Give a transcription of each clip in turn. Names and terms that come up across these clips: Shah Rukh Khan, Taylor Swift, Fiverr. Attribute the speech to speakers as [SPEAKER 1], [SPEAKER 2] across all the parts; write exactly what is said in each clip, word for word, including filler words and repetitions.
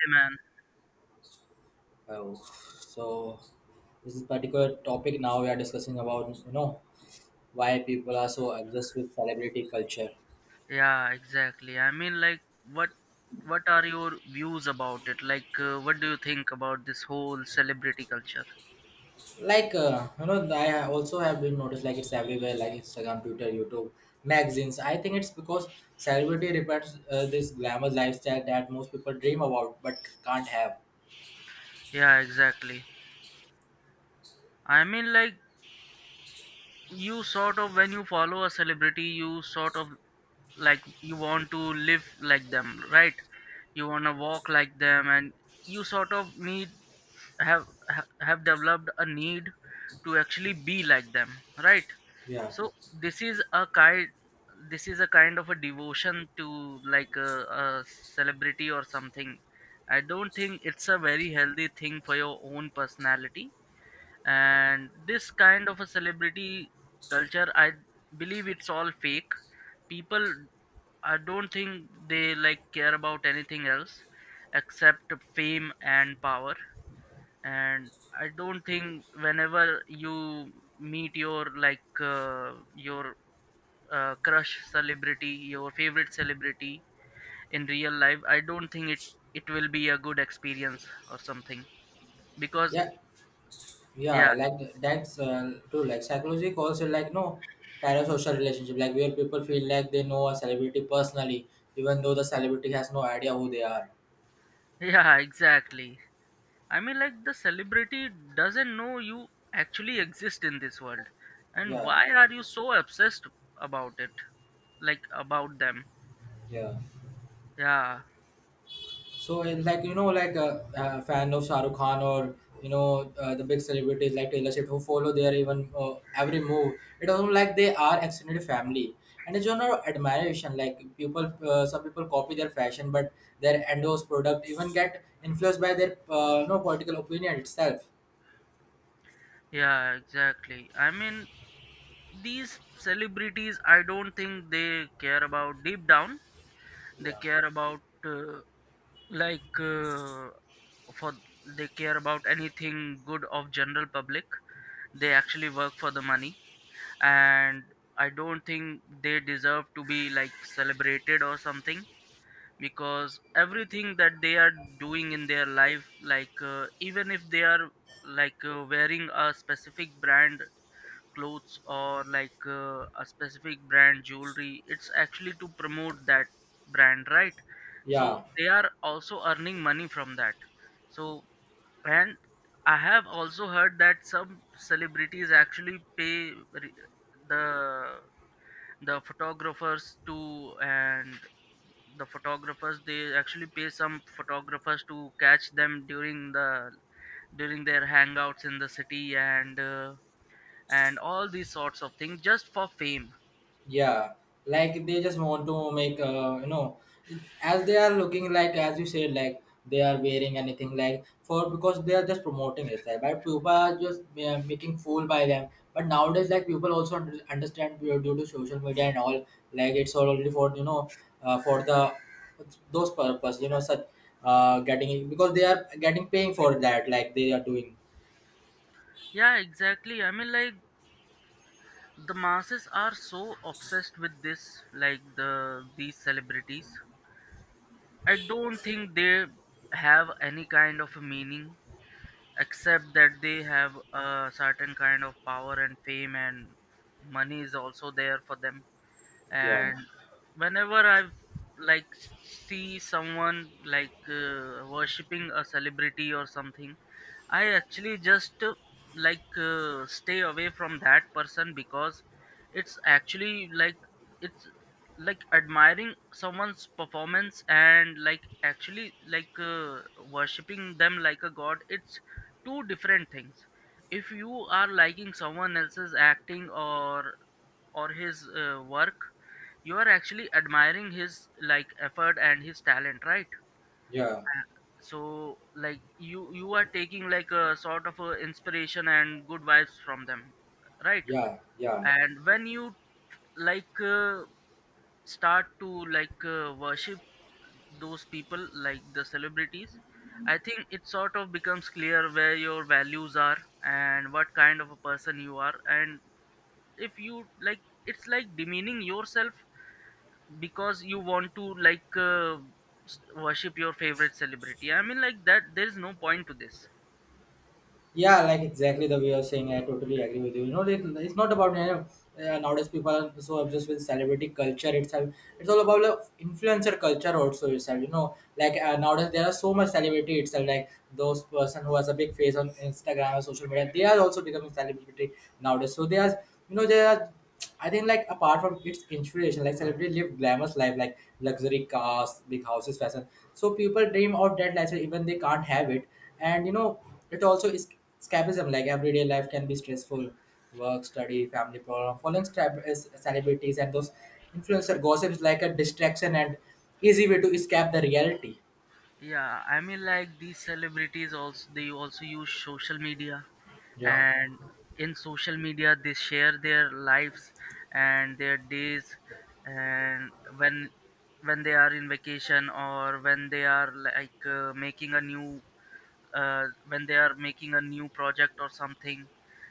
[SPEAKER 1] Hey, man.
[SPEAKER 2] Oh, so this is particular topic now we are discussing about you know why people are so obsessed with celebrity culture.
[SPEAKER 1] Yeah, exactly. I mean, like, what what are your views about it? Like, uh, what do you think about this whole celebrity culture?
[SPEAKER 2] Like uh, you know, I also have been noticed like it's everywhere, like Instagram, Twitter, YouTube, magazines. I think it's because celebrity represents uh, this glamorous lifestyle that most people dream about but can't have.
[SPEAKER 1] Yeah, exactly. I mean, like, you sort of when you follow a celebrity you sort of like you want to live like them, right? You want to walk like them, and you sort of need have ha- have developed a need to actually be like them, right?
[SPEAKER 2] Yeah.
[SPEAKER 1] So this is a kind this is a kind of a devotion to like a, a celebrity or something. I don't think it's a very healthy thing for your own personality. And this kind of a celebrity culture, I believe it's all fake. People, I don't think they like care about anything else except fame and power. And I don't think whenever you meet your like uh, your uh, crush celebrity, your favorite celebrity in real life, I don't think it it will be a good experience or something, because
[SPEAKER 2] Yeah,
[SPEAKER 1] yeah.
[SPEAKER 2] yeah, like that's uh, true, like psychology calls it like no parasocial relationship, like where people feel like they know a celebrity personally even though the celebrity has no idea who they are.
[SPEAKER 1] Yeah, exactly. I mean, like, the celebrity doesn't know you actually exist in this world. And
[SPEAKER 2] Yeah,
[SPEAKER 1] why are you so obsessed about it? Like, about them?
[SPEAKER 2] yeah.
[SPEAKER 1] Yeah,
[SPEAKER 2] So, in like you know, like a, a fan of Shah Rukh Khan or you know uh, the big celebrities like Taylor Swift who follow their even uh, every move. It doesn't like they are extended family, and it's general admiration. Like people, uh, some people copy their fashion, but their endorse product even get influenced by their uh, no political opinion itself.
[SPEAKER 1] yeah, exactly. I mean, these celebrities, I don't think they care about deep down. They
[SPEAKER 2] Yeah.
[SPEAKER 1] care about, uh, like, uh, for they care about anything good of general public. They actually work for the money, and I don't think they deserve to be like celebrated or something, because everything that they are doing in their life, like uh, even if they are like uh, wearing a specific brand clothes, or like uh, a specific brand jewelry, it's actually to promote that brand, right? So
[SPEAKER 2] Yeah.
[SPEAKER 1] they are also earning money from that. So, and I have also heard that some celebrities actually pay re- the the photographers too, and the photographers they actually pay some photographers to catch them during the during their hangouts in the city, and uh, and all these sorts of things just for fame.
[SPEAKER 2] Yeah, like they just want to make uh, you know as they are looking, like as you said, like they are wearing anything like for because they are just promoting it, like, but people are just uh, making fool by them, but nowadays like people also under- understand due due to social media and all. Like it's already for you know uh, for the those purpose you know such uh getting because they are getting paying for that like they are doing.
[SPEAKER 1] Yeah, exactly. I mean, like, the masses are so obsessed with this, like the these celebrities. I don't think they have any kind of a meaning, except that they have a certain kind of power and fame, and money is also there for them.
[SPEAKER 2] Yeah,
[SPEAKER 1] And whenever I like see someone like uh, worshipping a celebrity or something, I actually just uh, like uh, stay away from that person, because it's actually like it's like admiring someone's performance and like actually like uh, worshipping them like a god, it's two different things. If you are liking someone else's acting or or his uh, work, you are actually admiring his like effort and his talent, right?
[SPEAKER 2] yeah,
[SPEAKER 1] So like you you are taking like a sort of a inspiration and good vibes from them, right?
[SPEAKER 2] yeah, yeah.
[SPEAKER 1] And when you like uh, start to like uh, worship those people, like the celebrities, I think it sort of becomes clear where your values are and what kind of a person you are. And if you like, it's like demeaning yourself, because you want to like uh, s- worship your favorite celebrity. I mean, like that, there is no point to this.
[SPEAKER 2] Yeah, like exactly the way you're saying. I totally agree with you. You know, it, it's not about you know, uh, nowadays people are so obsessed with celebrity culture itself. It's all about like influencer culture also itself. You know, like uh, nowadays there are so much celebrity itself. Like those person who has a big face on Instagram or social media, they are also becoming celebrity nowadays. So they are, you know, they are. I think like apart from its inspiration, like celebrities live glamorous life, like luxury cars, big houses, fashion. So people dream of that lifestyle even they can't have it. And you know, it also is escapism. Like everyday life can be stressful, work, study, family problem. Following stab- is celebrities and those influencer gossip is like a distraction and easy way to escape the reality.
[SPEAKER 1] Yeah, I mean, like, these celebrities also, they also use social media,
[SPEAKER 2] Yeah,
[SPEAKER 1] and in social media they share their lives and their days, and when when they are in vacation, or when they are like uh, making a new uh, when they are making a new project or something,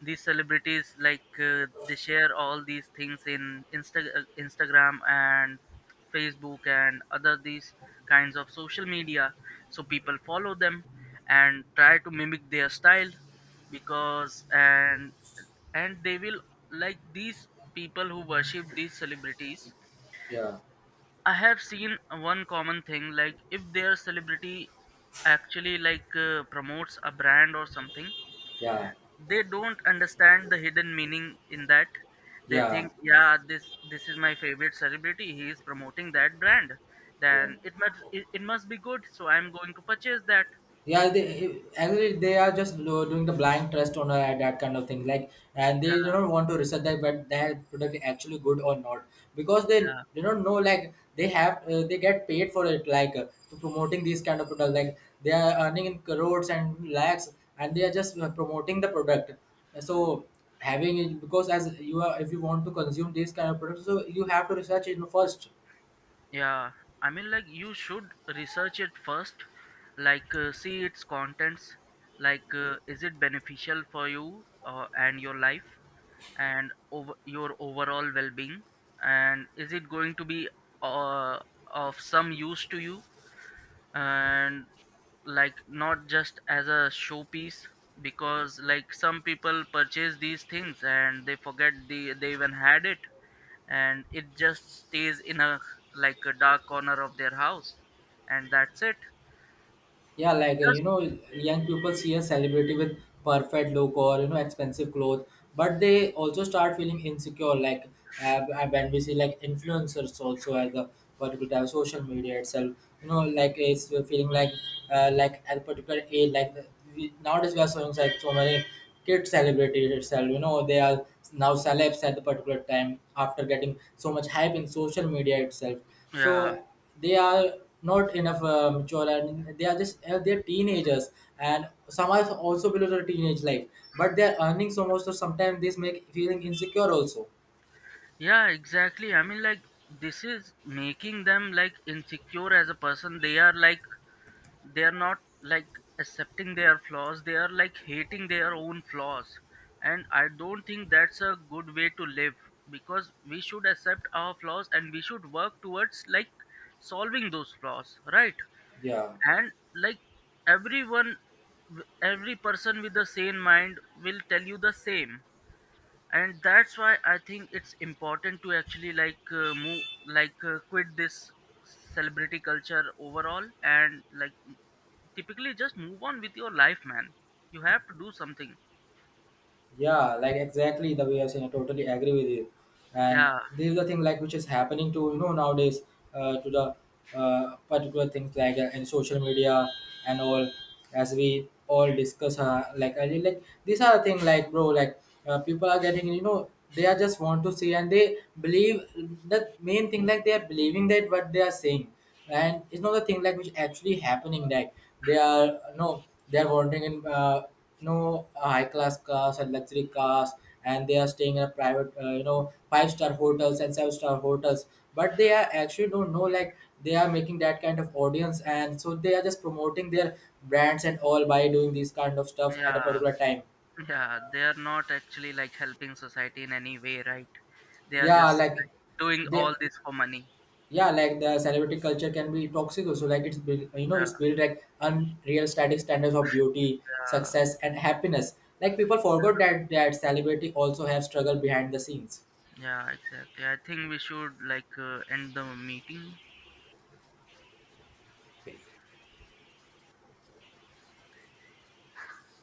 [SPEAKER 1] these celebrities like uh, they share all these things in Insta- uh, instagram and Facebook and other these kinds of social media. So people follow them and try to mimic their style, because and and they will like, these people who worship these celebrities,
[SPEAKER 2] yeah,
[SPEAKER 1] I have seen one common thing: like if their celebrity actually like uh, promotes a brand or something,
[SPEAKER 2] yeah,
[SPEAKER 1] they don't understand the hidden meaning in that. They
[SPEAKER 2] yeah,
[SPEAKER 1] think, yeah, this this is my favorite celebrity, he is promoting that brand,
[SPEAKER 2] yeah.
[SPEAKER 1] then it must, it, it must be good, so I'm going to purchase that.
[SPEAKER 2] Yeah, they actually they are just lo- doing the blind trust on uh, that kind of thing, like, and
[SPEAKER 1] Yeah,
[SPEAKER 2] they don't want to research that but that product is actually good or not. Because they
[SPEAKER 1] yeah,
[SPEAKER 2] they don't know, like they have uh, they get paid for it, like uh, to promoting these kind of products, like they are earning in crores and lakhs and they are just uh, promoting the product, so having it, because as you are, if you want to consume these kind of products, so you have to research it first.
[SPEAKER 1] yeah, I mean, like, you should research it first, like uh, see its contents, like uh, is it beneficial for you, uh, and your life and over your overall well-being, and is it going to be uh, of some use to you, and like not just as a showpiece. Because like some people purchase these things and they forget the they even had it, and it just stays in a like a dark corner of their house, and that's it.
[SPEAKER 2] Yeah, like uh, you
[SPEAKER 1] Just
[SPEAKER 2] know, young people see a celebrity with perfect look or you know expensive clothes, but they also start feeling insecure. Like uh, uh, when we see like influencers also at the particular type of social media itself, you know, like it's feeling like uh, like at a particular age, like uh, we, nowadays we are seeing like so many kid celebrities itself. You know, they are now celebs at the particular time after getting so much hype in social media itself.
[SPEAKER 1] yeah.
[SPEAKER 2] So they are not enough uh, mature and they are just uh, they're teenagers, and some are also below the teenage life, but they're earning so much, so sometimes this make feeling insecure also.
[SPEAKER 1] Yeah, exactly. I mean, like, this is making them like insecure as a person. They are like, they are not like accepting their flaws, they are like hating their own flaws, and I don't think that's a good way to live, because we should accept our flaws and we should work towards like solving those flaws, right?
[SPEAKER 2] Yeah.
[SPEAKER 1] And like everyone, every person with a sane mind will tell you the same. And that's why I think it's important to actually like uh, move like uh, quit this celebrity culture overall, and like typically just move on with your life, man. You have to do something.
[SPEAKER 2] Yeah, like exactly the way I've seen. I totally agree with you. And
[SPEAKER 1] Yeah.
[SPEAKER 2] this is the thing like which is happening to you know nowadays, uh, to the uh, particular things like uh, in social media and all, as we all discuss, uh, like I really like these are the thing, like bro, like uh, people are getting, you know they are just want to see and they believe the main thing, like they are believing that what they are saying, and it's not the thing like which actually happening, like they are no, they are wondering in uh, no high class cars and luxury cars, and they are staying in a private uh, you know five star hotels and seven star hotels, but they are actually don't know, like they are making that kind of audience, and so they are just promoting their brands and all by doing these kind of stuff at a
[SPEAKER 1] Yeah,
[SPEAKER 2] particular time.
[SPEAKER 1] yeah, they are not actually like helping society in any way, right? They are
[SPEAKER 2] Yeah,
[SPEAKER 1] just
[SPEAKER 2] like
[SPEAKER 1] like doing
[SPEAKER 2] they
[SPEAKER 1] all this for money.
[SPEAKER 2] yeah, like the celebrity culture can be toxic also, like it's built you know
[SPEAKER 1] Yeah,
[SPEAKER 2] it's built like unreal static standards of beauty,
[SPEAKER 1] yeah,
[SPEAKER 2] success and happiness. Like people forgot that that celebrity also have struggle behind the scenes.
[SPEAKER 1] yeah, exactly. I think we should like uh, end the meeting.